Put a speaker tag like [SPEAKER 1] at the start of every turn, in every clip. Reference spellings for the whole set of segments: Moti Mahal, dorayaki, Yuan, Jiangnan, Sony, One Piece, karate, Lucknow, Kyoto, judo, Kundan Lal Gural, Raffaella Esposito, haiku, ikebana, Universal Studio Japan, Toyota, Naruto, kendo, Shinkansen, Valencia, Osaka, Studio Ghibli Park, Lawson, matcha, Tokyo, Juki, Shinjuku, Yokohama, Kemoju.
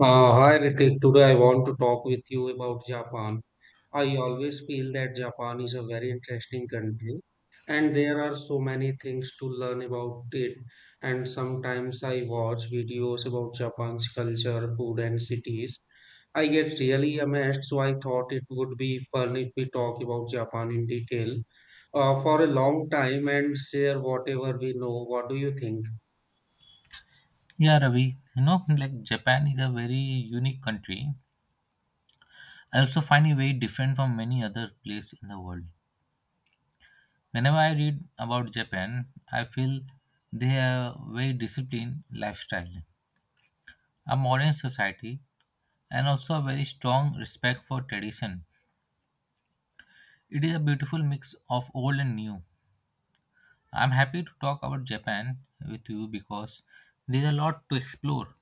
[SPEAKER 1] Hi Ritik, today I want to talk with you about Japan. I always feel that Japan is a very interesting country and there are so many things to learn about it. And sometimes I watch videos about Japan's culture, food, and cities. I get really amazed, so I thought it would be fun if we talk about Japan in detail for a long time and share whatever we know. What do you think?
[SPEAKER 2] Yeah, Ravi, you know, like Japan is a very unique country. I also find it very different from many other places in the world. Whenever I read about Japan, I feel they have very disciplined lifestyle, a modern society, and also a very strong respect for tradition. It is a beautiful mix of old and new. I'm happy to talk about Japan with you because there's a lot to explore.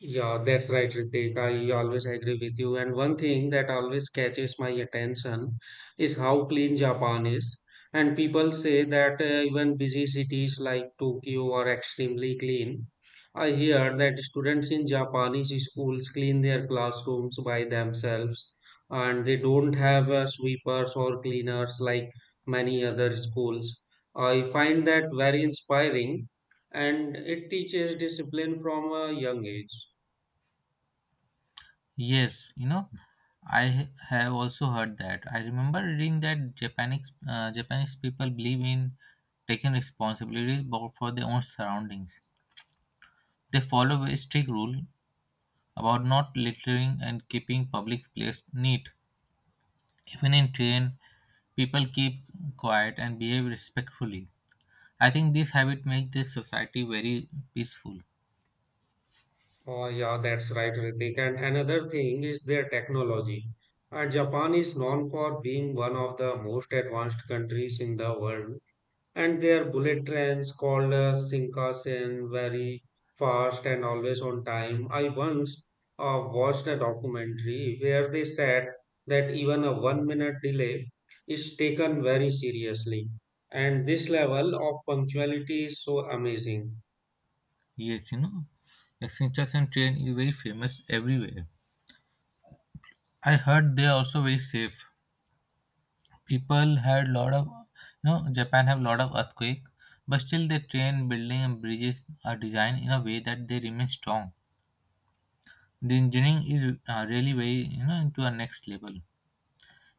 [SPEAKER 1] Yeah, that's right, Ritik. I always agree with you. And one thing that always catches my attention is how clean Japan is. And people say that even busy cities like Tokyo are extremely clean. I hear that students in Japanese schools clean their classrooms by themselves, and they don't have sweepers or cleaners like many other schools. I find that very inspiring, and it teaches discipline from a young age.
[SPEAKER 2] Yes, you know, I have also heard that. I remember reading that Japanese people believe in taking responsibility for their own surroundings. They follow a strict rule about not littering and keeping public place neat. Even in train, people keep quiet and behave respectfully. I think this habit makes the society very peaceful.
[SPEAKER 1] Oh, yeah, that's right, Ritik. And another thing is their technology. Japan is known for being one of the most advanced countries in the world, and their bullet trains called Shinkansen very fast and always on time. I once watched a documentary where they said that even a 1 minute delay is taken very seriously, and this level of punctuality is so amazing.
[SPEAKER 2] Yes, you know, the Shinkansen train is very famous everywhere. I heard they are also very safe. People had lot of you know Japan have lot of earthquake, but still their train building and bridges are designed in a way that they remain strong. The engineering is really very you know into a next level.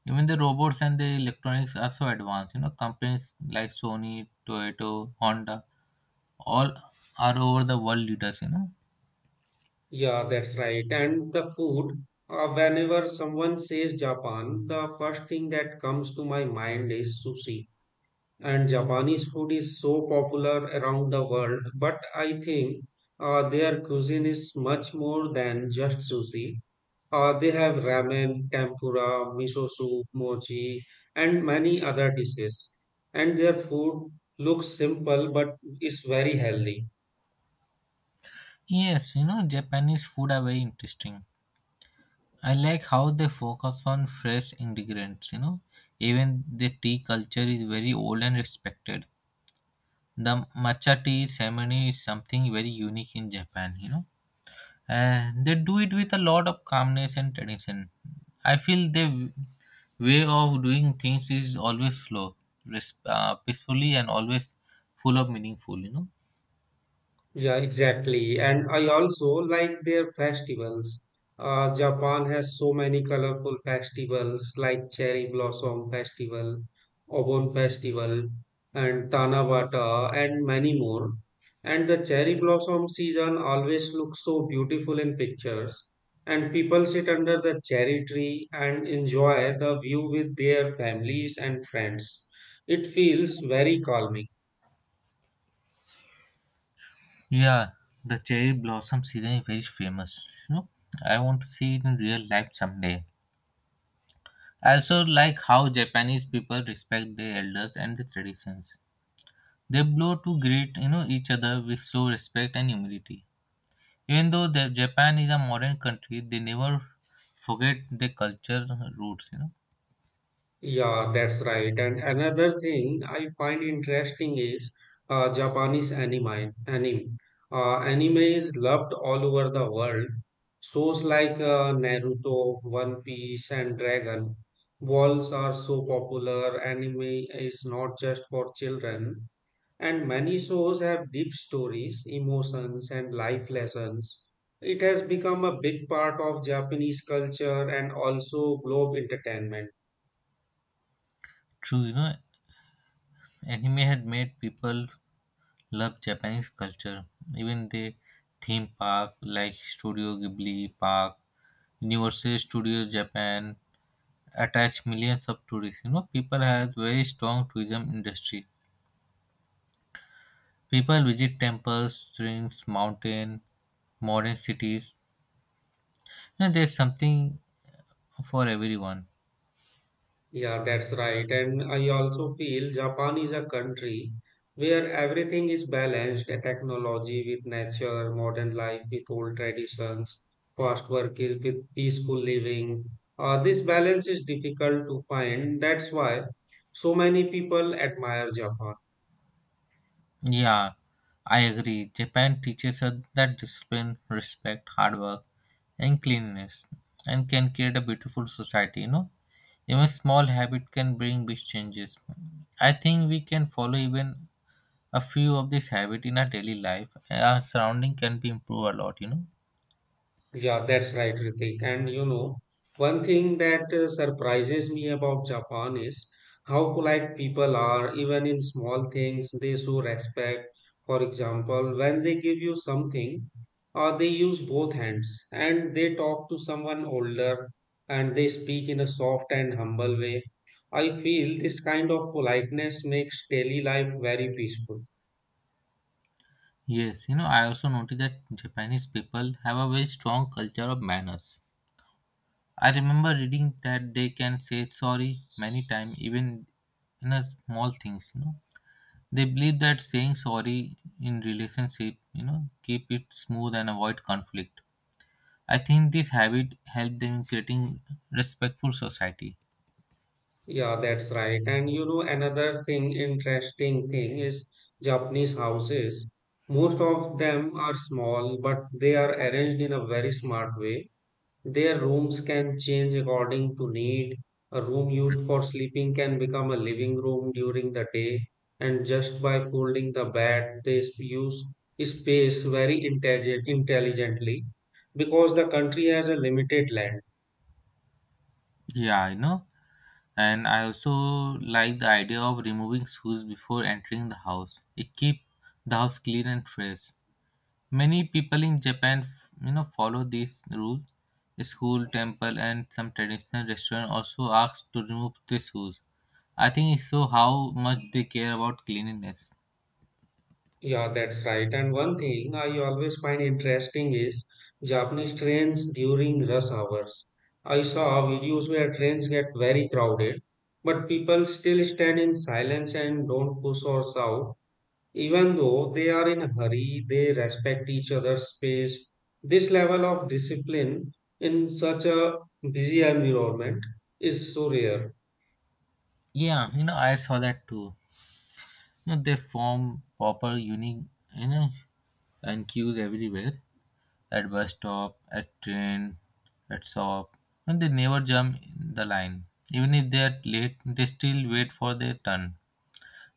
[SPEAKER 2] Even the robots and the electronics are so advanced, you know, companies like Sony, Toyota, Honda, all are over the world leaders, you know.
[SPEAKER 1] Yeah, that's right. And the food, whenever someone says Japan, the first thing that comes to my mind is sushi. And Japanese food is so popular around the world, but I think their cuisine is much more than just sushi. They have ramen, tempura, miso soup, mochi, and many other dishes. And their food looks simple but is very healthy.
[SPEAKER 2] Yes, you know, Japanese food are very interesting. I like how they focus on fresh ingredients, you know. Even the tea culture is very old and respected. The matcha tea ceremony is something very unique in Japan, you know. And they do it with a lot of calmness and tradition. I feel their way of doing things is always slow, peacefully, and always full of meaningful, you know.
[SPEAKER 1] Yeah, exactly. And I also like their festivals. Japan has so many colorful festivals like Cherry Blossom Festival, Obon Festival, and Tanabata, and many more. And the cherry blossom season always looks so beautiful in pictures. And people sit under the cherry tree and enjoy the view with their families and friends. It feels very calming.
[SPEAKER 2] Yeah, the cherry blossom season is very famous, you know. I want to see it in real life someday. I also like how Japanese people respect their elders and their traditions. They blow to greet you know each other with slow respect and humility. Even though Japan is a modern country, they never forget their culture roots. You know,
[SPEAKER 1] Yeah, that's right. And another thing I find interesting is Japanese anime. Anime. Anime is loved all over the world. Shows like Naruto, One Piece, and Dragon Balls are so popular. Anime is not just for children, and many shows have deep stories, emotions, and life lessons. It has become a big part of Japanese culture and also globe entertainment.
[SPEAKER 2] true. You know, anime had made people love Japanese culture. Even the theme park like Studio Ghibli Park, Universal Studio Japan attach millions of tourists. You know, people have very strong tourism industry. People visit temples, streams, mountain, modern cities. And there's something for everyone.
[SPEAKER 1] Yeah, that's right. And I also feel Japan is a country where everything is balanced, technology with nature, modern life with old traditions, fast work is with peaceful living. This balance is difficult to find. That's why so many people admire Japan.
[SPEAKER 2] Yeah, I agree. Japan teaches us that discipline, respect, hard work, and cleanliness, and can create a beautiful society. You know, even small habit can bring big changes. I think we can follow even a few of this habit in our daily life. Our surrounding can be improved a lot. You know.
[SPEAKER 1] Yeah, that's right, Ritik. And you know, one thing that surprises me about Japan is how polite people are, even in small things, they show respect. For example, when they give you something, they use both hands and they talk to someone older and they speak in a soft and humble way. I feel this kind of politeness makes daily life very peaceful.
[SPEAKER 2] Yes, you know, I also noticed that Japanese people have a very strong culture of manners. I remember reading that they can say sorry many times, even in a small things, you know. They believe that saying sorry in relationship, you know, keep it smooth and avoid conflict. I think this habit helped them in creating respectful society.
[SPEAKER 1] Yeah, that's right. And you know, another thing, interesting thing is Japanese houses. Most of them are small, but they are arranged in a very smart way. Their rooms can change according to need. A room used for sleeping can become a living room during the day, and just by folding the bed, use space very intelligently because the country has a limited land.
[SPEAKER 2] Yeah, you know, and I also like the idea of removing shoes before entering the house. It keep the house clean and fresh. Many people in Japan, you know, follow these rules. School, temple, and some traditional restaurant also ask to remove the shoes. I think it shows how much they care about cleanliness.
[SPEAKER 1] Yeah, that's right. And one thing I always find interesting is Japanese trains during rush hours. I saw videos where trains get very crowded, but people still stand in silence and don't push or shout. Even though they are in a hurry, they respect each other's space. This level of discipline in such a busy environment is so rare.
[SPEAKER 2] Yeah, you know, I saw that too. You know, they form proper unique, you know, and queues everywhere at bus stop, at train, at shop, and they never jump the line. Even if they are late, they still wait for their turn.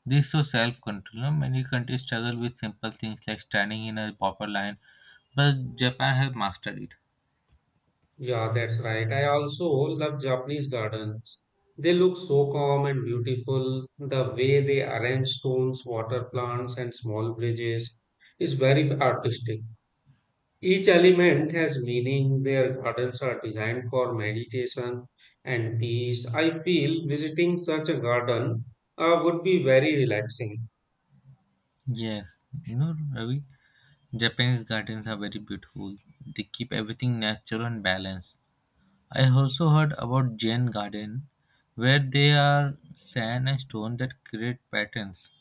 [SPEAKER 2] This shows self control. Many countries struggle with simple things like standing in a proper line, but Japan have mastered it.
[SPEAKER 1] Yeah, that's right. I also love Japanese gardens. They look so calm and beautiful. The way they arrange stones, water plants, and small bridges is very artistic. Each element has meaning. Their gardens are designed for meditation and peace. I feel visiting such a garden would be very relaxing.
[SPEAKER 2] Yes, you know, Ravi, Japanese gardens are very beautiful. They keep everything natural and balanced. I also heard about Zen garden, where they are sand and stone that create patterns.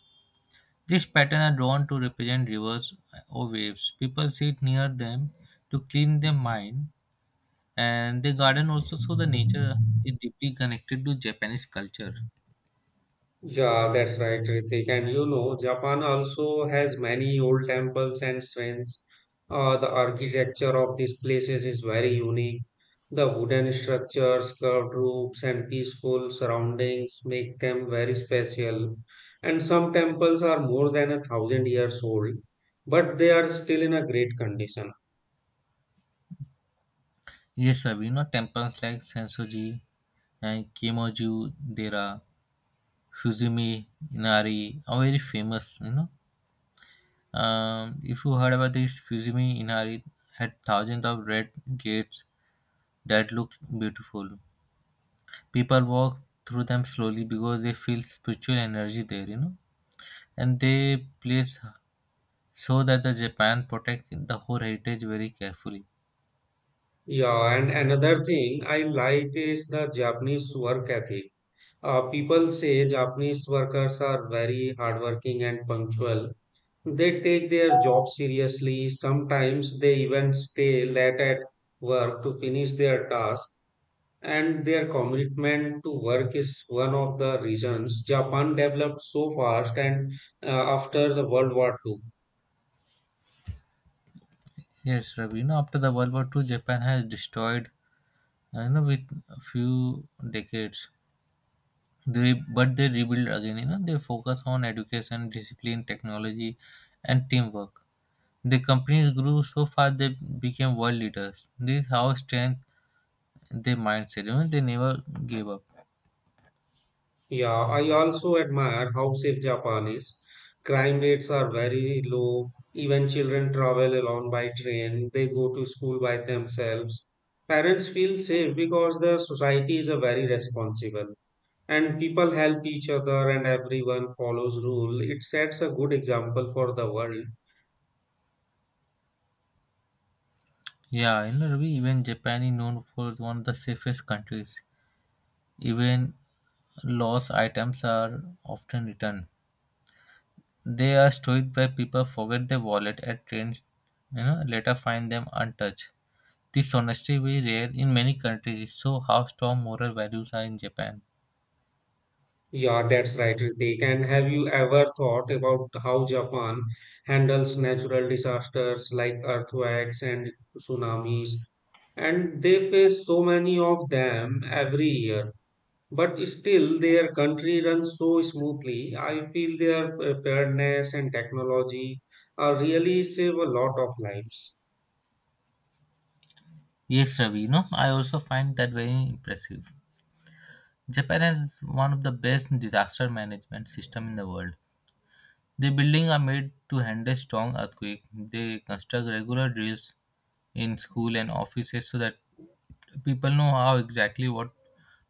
[SPEAKER 2] These patterns are drawn to represent rivers or waves. People sit near them to clean their mind, and the garden also so the nature is deeply connected to Japanese culture.
[SPEAKER 1] Yeah, that's right, Ritik. And you know, Japan also has many old temples and shrines. The architecture of these places is very unique. The wooden structures, curved roofs, and peaceful surroundings make them very special. And some temples are more than a thousand years old, but they are still in a great condition.
[SPEAKER 2] Yes, Sabina, temples like Sensoji and Kemoju, there are Fuzimi Inari are very famous, you know. If you heard about this Fuzimi Inari, had thousands of red gates that look beautiful. People walk through them slowly because they feel spiritual energy there, you know. And they place so that the Japan protect the whole heritage very carefully.
[SPEAKER 1] Yeah, and another thing I like is the Japanese work ethic. People say Japanese workers are very hardworking and punctual. They take their job seriously. Sometimes they even stay late at work to finish their task. And their commitment to work is one of the reasons Japan developed so fast and uh, after the World War Two.
[SPEAKER 2] Yes, Ravi. You know, after the World War II, Japan has destroyed, you know, with a few decades. They but they rebuild again. You know, they focus on education, discipline, technology, and teamwork. The companies grew so fast they became world leaders. This is how strength their mindset. You know, they never gave up.
[SPEAKER 1] Yeah, I also admire how safe Japan is. Crime rates are very low. Even children travel alone by train. They go to school by themselves. Parents feel safe because the society is a very responsible and people help each other and everyone follows rule. It sets a good example for the world.
[SPEAKER 2] Yeah, you know, Ravi. Even Japan is known for one of the safest countries. Even lost items are often returned. They are stoic where people forget their wallet at trains, you know, later find them untouched. This honesty is rare in many countries, so how strong moral values are in Japan.
[SPEAKER 1] Yeah, that's right, Ritik. And have you ever thought about how Japan handles natural disasters like earthquakes and tsunamis? And they face so many of them every year. But still, their country runs so smoothly. I feel their preparedness and technology really save a lot of lives.
[SPEAKER 2] Yes, Ravi, you know, I also find that very impressive. Japan has one of the best disaster management system in the world. The buildings are made to handle strong earthquake. They construct regular drills in school and offices so that people know how exactly what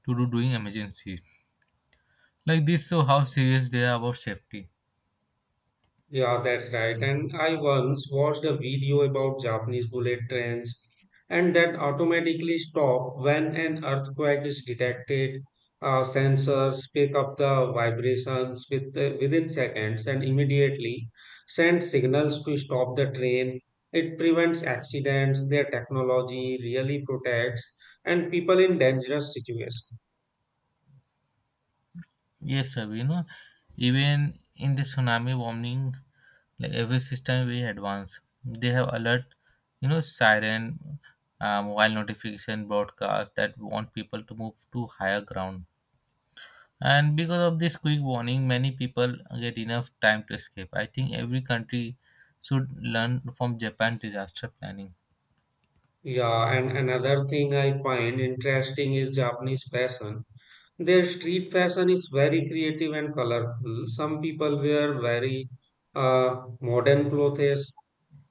[SPEAKER 2] to do during emergency. Like this show how serious they are about safety.
[SPEAKER 1] Yeah, that's right. And I once watched a video about Japanese bullet trains and that automatically stop when an earthquake is detected. Sensors pick up the vibrations within seconds and immediately send signals to stop the train. It prevents accidents. Their technology really protects and people in dangerous situations.
[SPEAKER 2] Yes, sir, you know, even in the tsunami warning, like every system we advance, they have alert, you know, siren, mobile notification broadcast that want people to move to higher ground. And because of this quick warning many people get enough time to escape. I think every country should learn from Japan disaster planning.
[SPEAKER 1] Yeah, and another thing I find interesting is Japanese fashion. Their street fashion is very creative and colorful. Some people wear very modern clothes,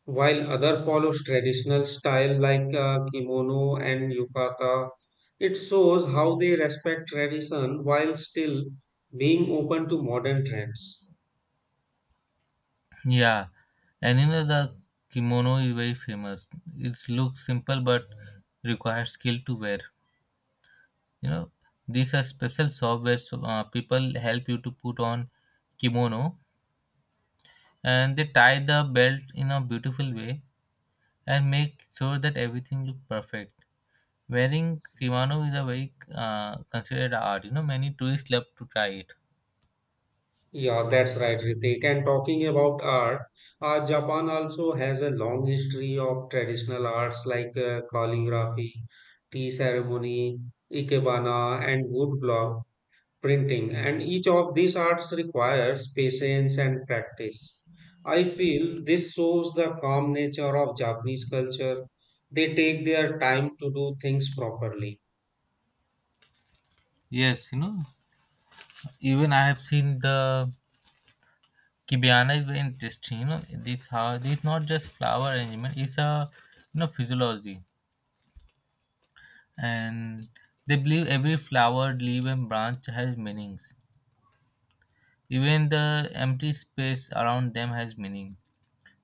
[SPEAKER 1] while other follows traditional style like kimono and yukata. It shows how they respect tradition while still being open to modern trends.
[SPEAKER 2] Yeah, and you know the kimono is very famous. It looks simple but requires skill to wear. You know, these are special software where so, people help you to put on kimono and they tie the belt in a beautiful way and make sure that everything look perfect. Wearing kimono is a very considered art. You know, many tourists love to try it.
[SPEAKER 1] Yeah, that's right, Ritik. And talking about art, Japan also has a long history of traditional arts like calligraphy, tea ceremony, ikebana, and woodblock printing. And each of these arts requires patience and practice. I feel this shows the calm nature of Japanese culture. They take their time to do things properly.
[SPEAKER 2] Yes, you know, even I have seen the Kibiana is very interesting. You know, this how it's not just flower arrangement; it's a, you know, physiology, and they believe every flower, leaf, and branch has meanings. Even the empty space around them has meaning.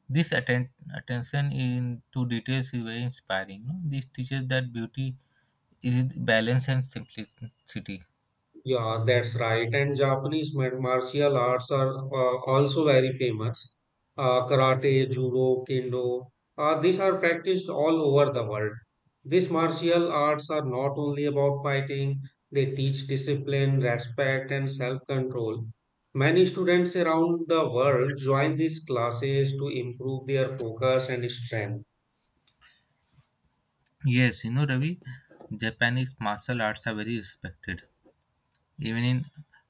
[SPEAKER 2] This attention in to details is very inspiring. You know, this teaches that beauty is balance and simplicity.
[SPEAKER 1] Yeah, that's right. And martial arts are also very famous. Karate, judo, kendo, these are practiced all over the world. These martial arts are not only about fighting, they teach discipline, respect, and self-control. Many students around the world join these classes to improve their focus and strength.
[SPEAKER 2] Yes, you know, Ravi, Japanese martial arts are very respected. Even in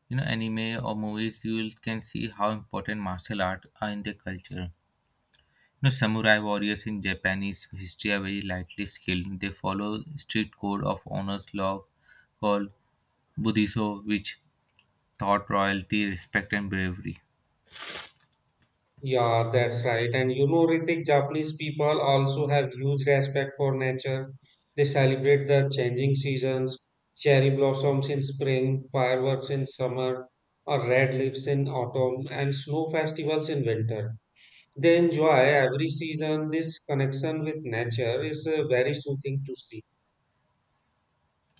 [SPEAKER 2] you know anime or movies, you will can see how important martial art are in their culture. You know, samurai warriors in Japanese history are very lightly skilled. They follow strict code of honors law called Buddhism, which taught royalty, respect, and bravery.
[SPEAKER 1] Yeah, that's right. And you know, Ritik, Japanese people also have huge respect for nature. They celebrate the changing seasons, cherry blossoms in spring, fireworks in summer, or red leaves in autumn, and snow festivals in winter. They enjoy every season. This connection with nature is very soothing to see.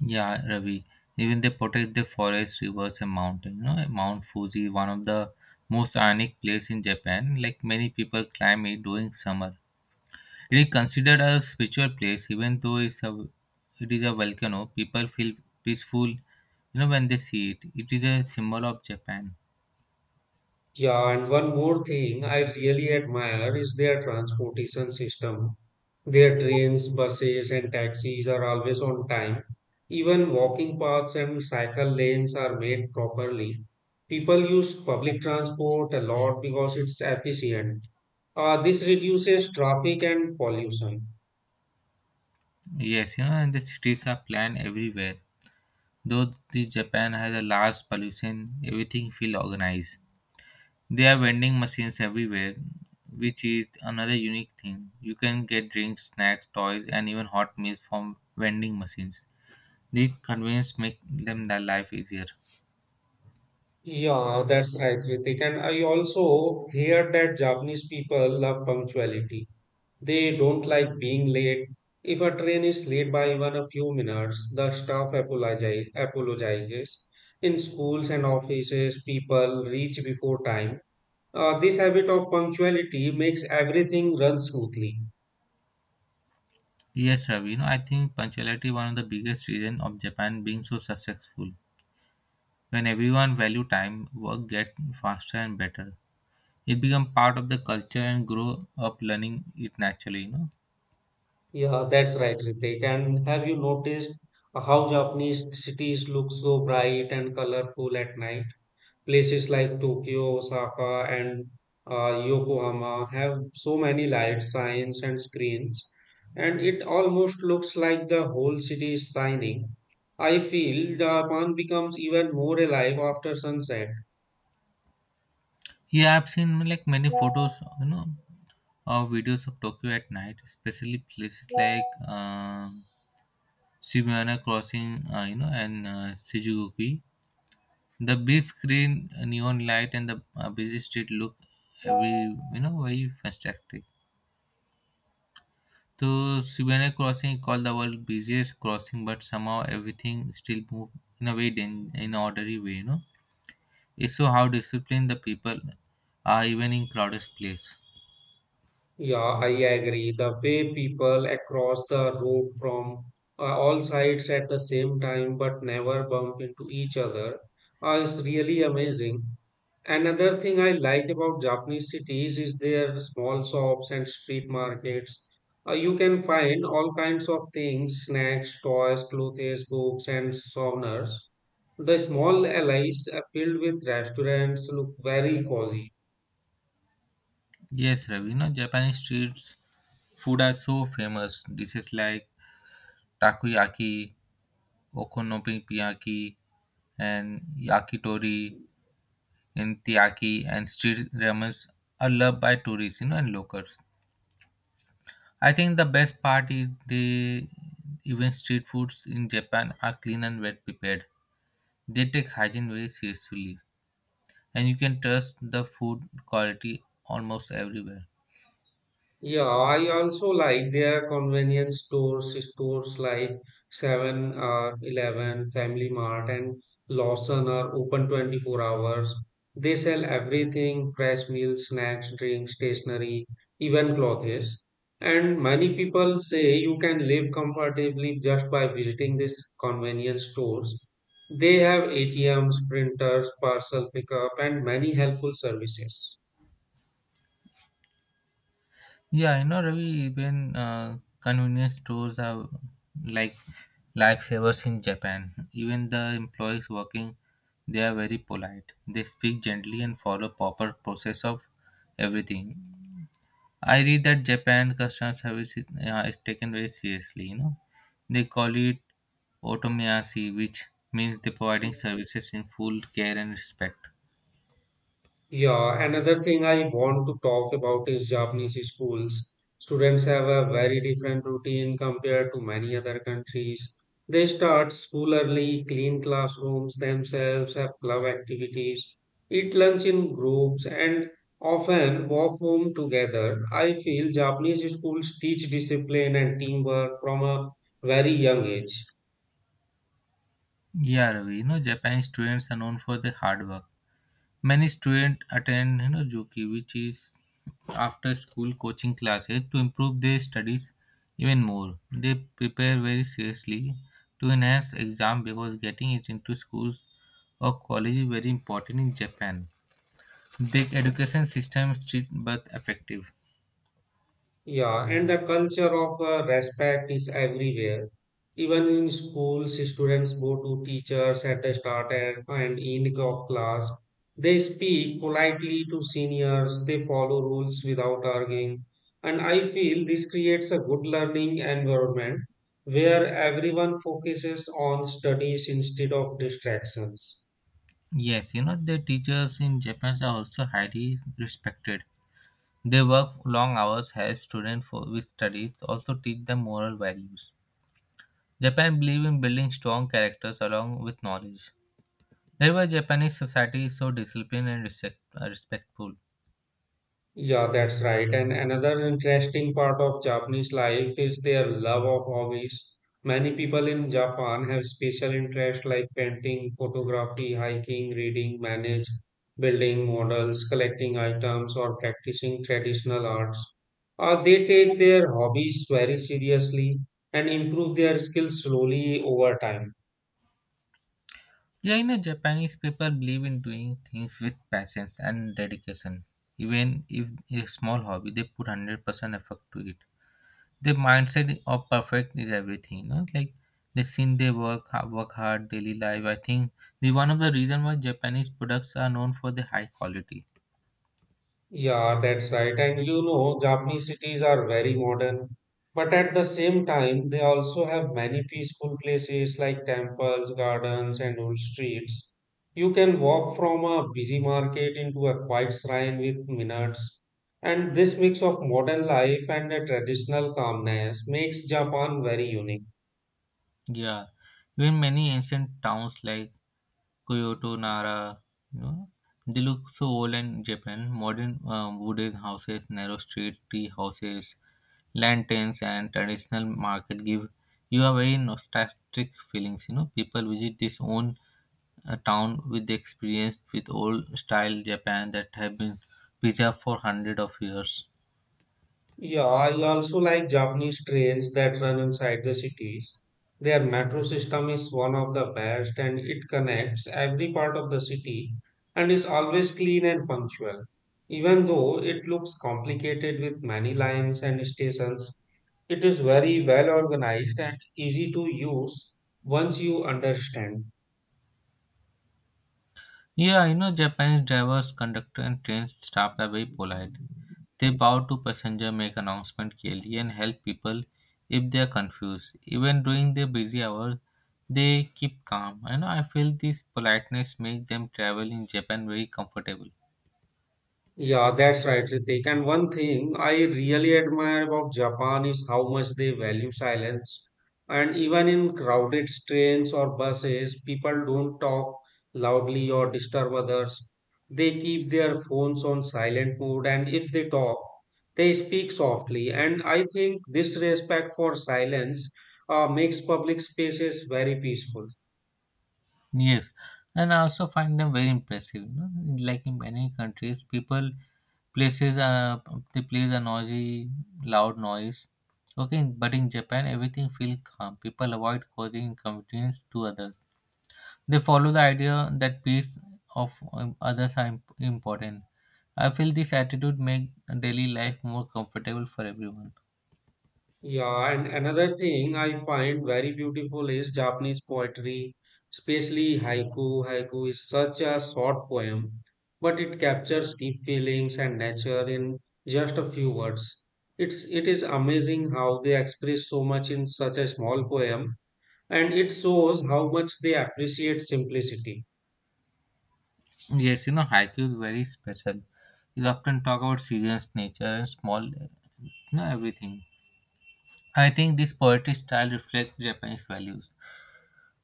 [SPEAKER 2] Yeah, Ravi. Even they protect the forest, rivers, and mountain. You know, Mount Fuji, one of the most iconic place in Japan. Like many people climb it during summer. It is considered a spiritual place, even though it is a volcano. People feel peaceful, you know, when they see it. It is a symbol of Japan.
[SPEAKER 1] Yeah, and one more thing I really admire is their transportation system. Their trains, buses, and taxis are always on time. Even walking paths and cycle lanes are made properly. People use public transport a lot because it's efficient. This reduces traffic and pollution.
[SPEAKER 2] Yes, you know, and the cities are planned everywhere. Though the Japan has a large pollution, everything feel organized. There are vending machines everywhere, which is another unique thing. You can get drinks, snacks, toys, and even hot meals from vending machines. These convenience make them their life easier.
[SPEAKER 1] Yeah, that's right, Ritik. And I also hear that Japanese people love punctuality. They don't like being late. If a train is late by even a few minutes, apologizes. In schools and offices, people reach before time. This habit of punctuality makes everything run smoothly.
[SPEAKER 2] Yes, Ravi. You know, I think punctuality one of the biggest reason of Japan being so successful. When everyone value time, work get faster and better. It become part of the culture and grow up learning it naturally. You know,
[SPEAKER 1] Yeah, that's right, Ritik. And have you noticed how Japanese cities look so bright and colorful at night? Places like Tokyo, Osaka, and Yokohama have so many lights, signs, and screens, and it almost looks like the whole city is shining. I feel Japan becomes even more alive after sunset.
[SPEAKER 2] here I've seen like many photos, you know, or videos of Tokyo at night, especially places like Shibuya Crossing, you know, and Shinjuku. The big screen, neon light, and the busy street look every you know very fantastic. So Siberian Crossing is called the world busiest crossing, but somehow everything still move in a way in ordinary way, you know. It show how disciplined the people are even in crowded place.
[SPEAKER 1] Yeah, I agree. The way people across the road from all sides at the same time but never bump into each other is really amazing. Another thing I like about Japanese cities is their small shops and street markets. You can find all kinds of things, snacks, toys, clothes, books, and souvenirs. The small alleys are filled with restaurants look very cozy.
[SPEAKER 2] Yes, Ravi, you know, Japanese streets food are so famous. Dishes like takoyaki, okonomiyaki, and yakitori, and teriyaki, and street ramens are loved by tourists, you know, and locals. I think the best part is they even street foods in Japan are clean and well prepared. They take hygiene very seriously, and you can trust the food quality almost everywhere.
[SPEAKER 1] Yeah, I also like their convenience stores, stores like 7 or 11, Family Mart, and Lawson are open 24 hours. They sell everything fresh meals, snacks, drinks, stationery, even clothes. And many people say you can live comfortably just by visiting these convenience stores. They have ATMs, printers, parcel pickup, and many helpful services.
[SPEAKER 2] Yeah, you know, Ravi, even convenience stores are like lifesavers in Japan. Even the employees working, they are very polite. They speak gently and follow proper process of everything. I read that Japan customer service is taken very seriously. You know, they call it otomiyashi, which means they providing services in full care and respect.
[SPEAKER 1] Yeah, another thing I want to talk about is Japanese schools. Students have a very different routine compared to many other countries. They start school early, clean classrooms themselves, have club activities, eat lunch in groups, and often walk home together. I feel Japanese schools teach discipline and teamwork from a very young age.
[SPEAKER 2] Yeah, Ravi. You know, Japanese students are known for their hard work. Many students attend, Juki, which is after school coaching classes to improve their studies even more. They prepare very seriously to enhance exam because getting it into schools or college is very important in Japan. The education system strict but effective.
[SPEAKER 1] Yeah, and the culture of respect is everywhere. Even in schools, students go to teachers at the start and end of class. They speak politely to seniors, they follow rules without arguing. And I feel this creates a good learning environment where everyone focuses on studies instead of distractions.
[SPEAKER 2] Yes, the teachers in Japan are also highly respected. They work long hours, help students for with studies, also teach them moral values. Japan believes in building strong characters along with knowledge. That's why Japanese society is so disciplined and respectful.
[SPEAKER 1] Yeah, that's right. And another interesting part of Japanese life is their love of hobbies. Many people in Japan have special interests like painting, photography, hiking, reading, manage, building models, collecting items, or practicing traditional arts. They take their hobbies very seriously and improve their skills slowly over time.
[SPEAKER 2] Yeah, Japanese people believe in doing things with patience and dedication. Even if a small hobby, they put 100% effort to it. The mindset of perfect is everything like they seen they work hard daily life. I think the one of the reason why Japanese products are known for the high quality.
[SPEAKER 1] Yeah, that's right. And you know, Japanese cities are very modern, but at the same time, they also have many peaceful places like temples, gardens, and old streets. You can walk from a busy market into a quiet shrine with minutes. And this mix of modern life and the traditional calmness makes Japan very unique.
[SPEAKER 2] Yeah, even many ancient towns like Kyoto, Nara, you know they look so old in Japan. Modern wooden houses, narrow street, tea houses, lanterns, and traditional market give you a very nostalgic feelings. People visit this own a town with the experience with old style Japan that have been preserved for hundreds of years.
[SPEAKER 1] Yeah, I also like Japanese trains that run inside the cities. Their metro system is one of the best and it connects every part of the city and is always clean and punctual. Even though it looks complicated with many lines and stations, it is very well organized and easy to use once you understand.
[SPEAKER 2] Yeah, Japanese drivers, conductor, and train staff are very polite. They bow to passenger, make announcement clearly, and help people if they are confused. Even during their busy hours, they keep calm. I feel this politeness makes them travel in Japan very comfortable.
[SPEAKER 1] Yeah, that's right, Ritik. And one thing I really admire about Japan is how much they value silence. And even in crowded trains or buses, people don't talk loudly or disturb others. They keep their phones on silent mode, and if they talk, they speak softly. And I think this respect for silence makes public spaces very peaceful.
[SPEAKER 2] Yes, and I also find them very impressive. Like in many countries, people places are they play a noisy, loud noise. Okay, but in Japan, everything feels calm. People avoid causing inconvenience to others. They follow the idea that peace of others are important. I feel this attitude make daily life more comfortable for everyone.
[SPEAKER 1] Yeah, and another thing I find very beautiful is Japanese poetry, especially haiku. Haiku is such a short poem, but it captures deep feelings and nature in just a few words. It is amazing how they express so much in such a small poem, and it shows how much they appreciate simplicity.
[SPEAKER 2] Yes, haiku is very special. You often talk about seasons, nature, and small, everything. I think this poetry style reflects Japanese values.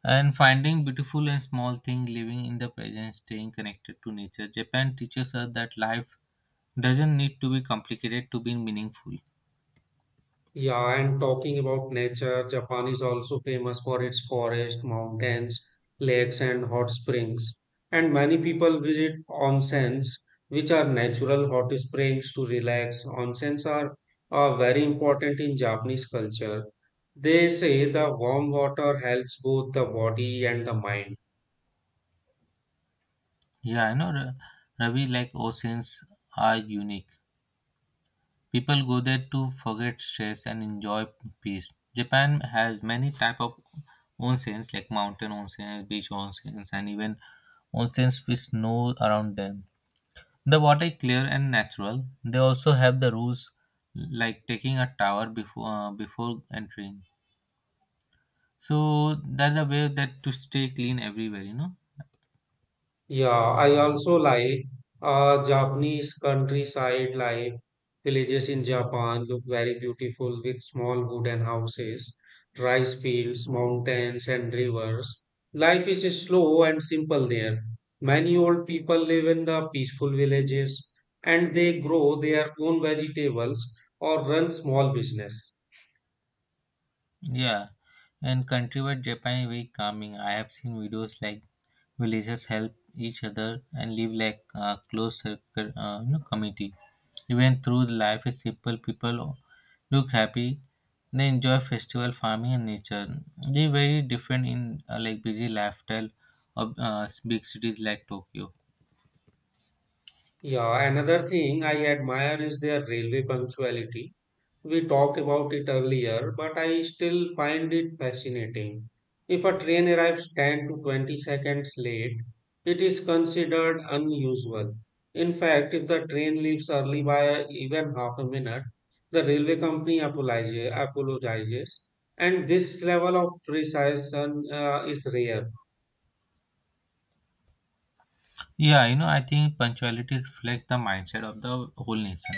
[SPEAKER 2] And finding beautiful and small things, living in the present, staying connected to nature. Japan teaches us that life doesn't need to be complicated to be meaningful.
[SPEAKER 1] Yeah, and talking about nature, Japan is also famous for its forests, mountains, lakes, and hot springs. And many people visit onsens, which are natural hot springs to relax. Onsens are very important in Japanese culture. They say the warm water helps both the body and the mind.
[SPEAKER 2] Yeah, I know Ravi, like oceans are unique. People go there to forget stress and enjoy peace. Japan has many type of onsens like mountain onsens, beach onsens, and even onsens with snow around them. The water is clear and natural. They also have the rules like taking a tower before entering. So that's the way that to stay clean everywhere.
[SPEAKER 1] Yeah, I also like Japanese countryside life. Villages in Japan look very beautiful with small wooden houses, rice fields, mountains, and rivers. Life is slow and simple there. Many old people live in the peaceful villages and they grow their own vegetables or run small business.
[SPEAKER 2] Yeah, and countrywide Japan is very calming. I have seen videos like villagers help each other and live like a close circle, community. Even through the life is simple, people look happy. They enjoy festival, farming, and nature. They very different in like busy lifestyle of big cities like Tokyo.
[SPEAKER 1] Yeah, another thing I admire is their railway punctuality. We talked about it earlier, but I still find it fascinating. If a train arrives 10 to 20 seconds late, it is considered unusual. In fact, if the train leaves early by even half a minute, the railway company apologizes and this level of precision is rare.
[SPEAKER 2] Yeah, I think punctuality reflects the mindset of the whole nation.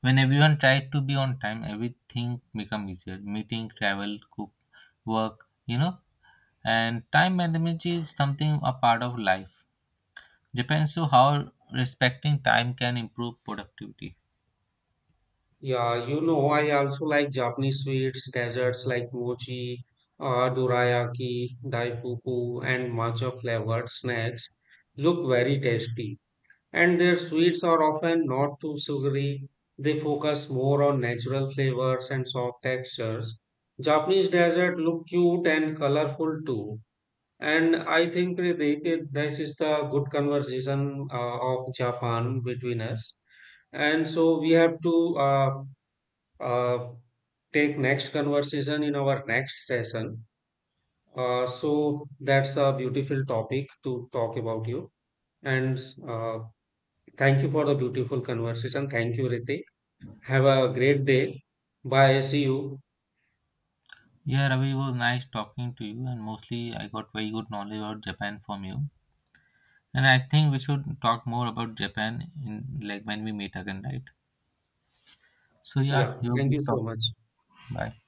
[SPEAKER 2] When everyone tried to be on time, everything become easier. Meeting, travel, cook, work. And time management is something a part of life. Japan, on how respecting time can improve productivity.
[SPEAKER 1] Yeah, you know, I also like Japanese sweets, desserts like mochi, dorayaki, daifuku, and matcha flavored snacks look very tasty. And their sweets are often not too sugary. They focus more on natural flavors and soft textures. Japanese desserts look cute and colorful too. And I think Ritik, this is the good conversation of Japan between us. And so we have to uh, take next conversation in our next session. So that's a beautiful topic to talk about you. And uh, Thank you for the beautiful conversation. Thank you, Ritik. Have a great day. Bye. See you.
[SPEAKER 2] Yeah, Ravi, it was nice talking to you, and mostly I got very good knowledge about Japan from you. And I think we should talk more about Japan in like when we meet again, right? So yeah,
[SPEAKER 1] Yeah.
[SPEAKER 2] you have a
[SPEAKER 1] Thank you
[SPEAKER 2] good
[SPEAKER 1] so
[SPEAKER 2] talk.
[SPEAKER 1] much.
[SPEAKER 2] Bye.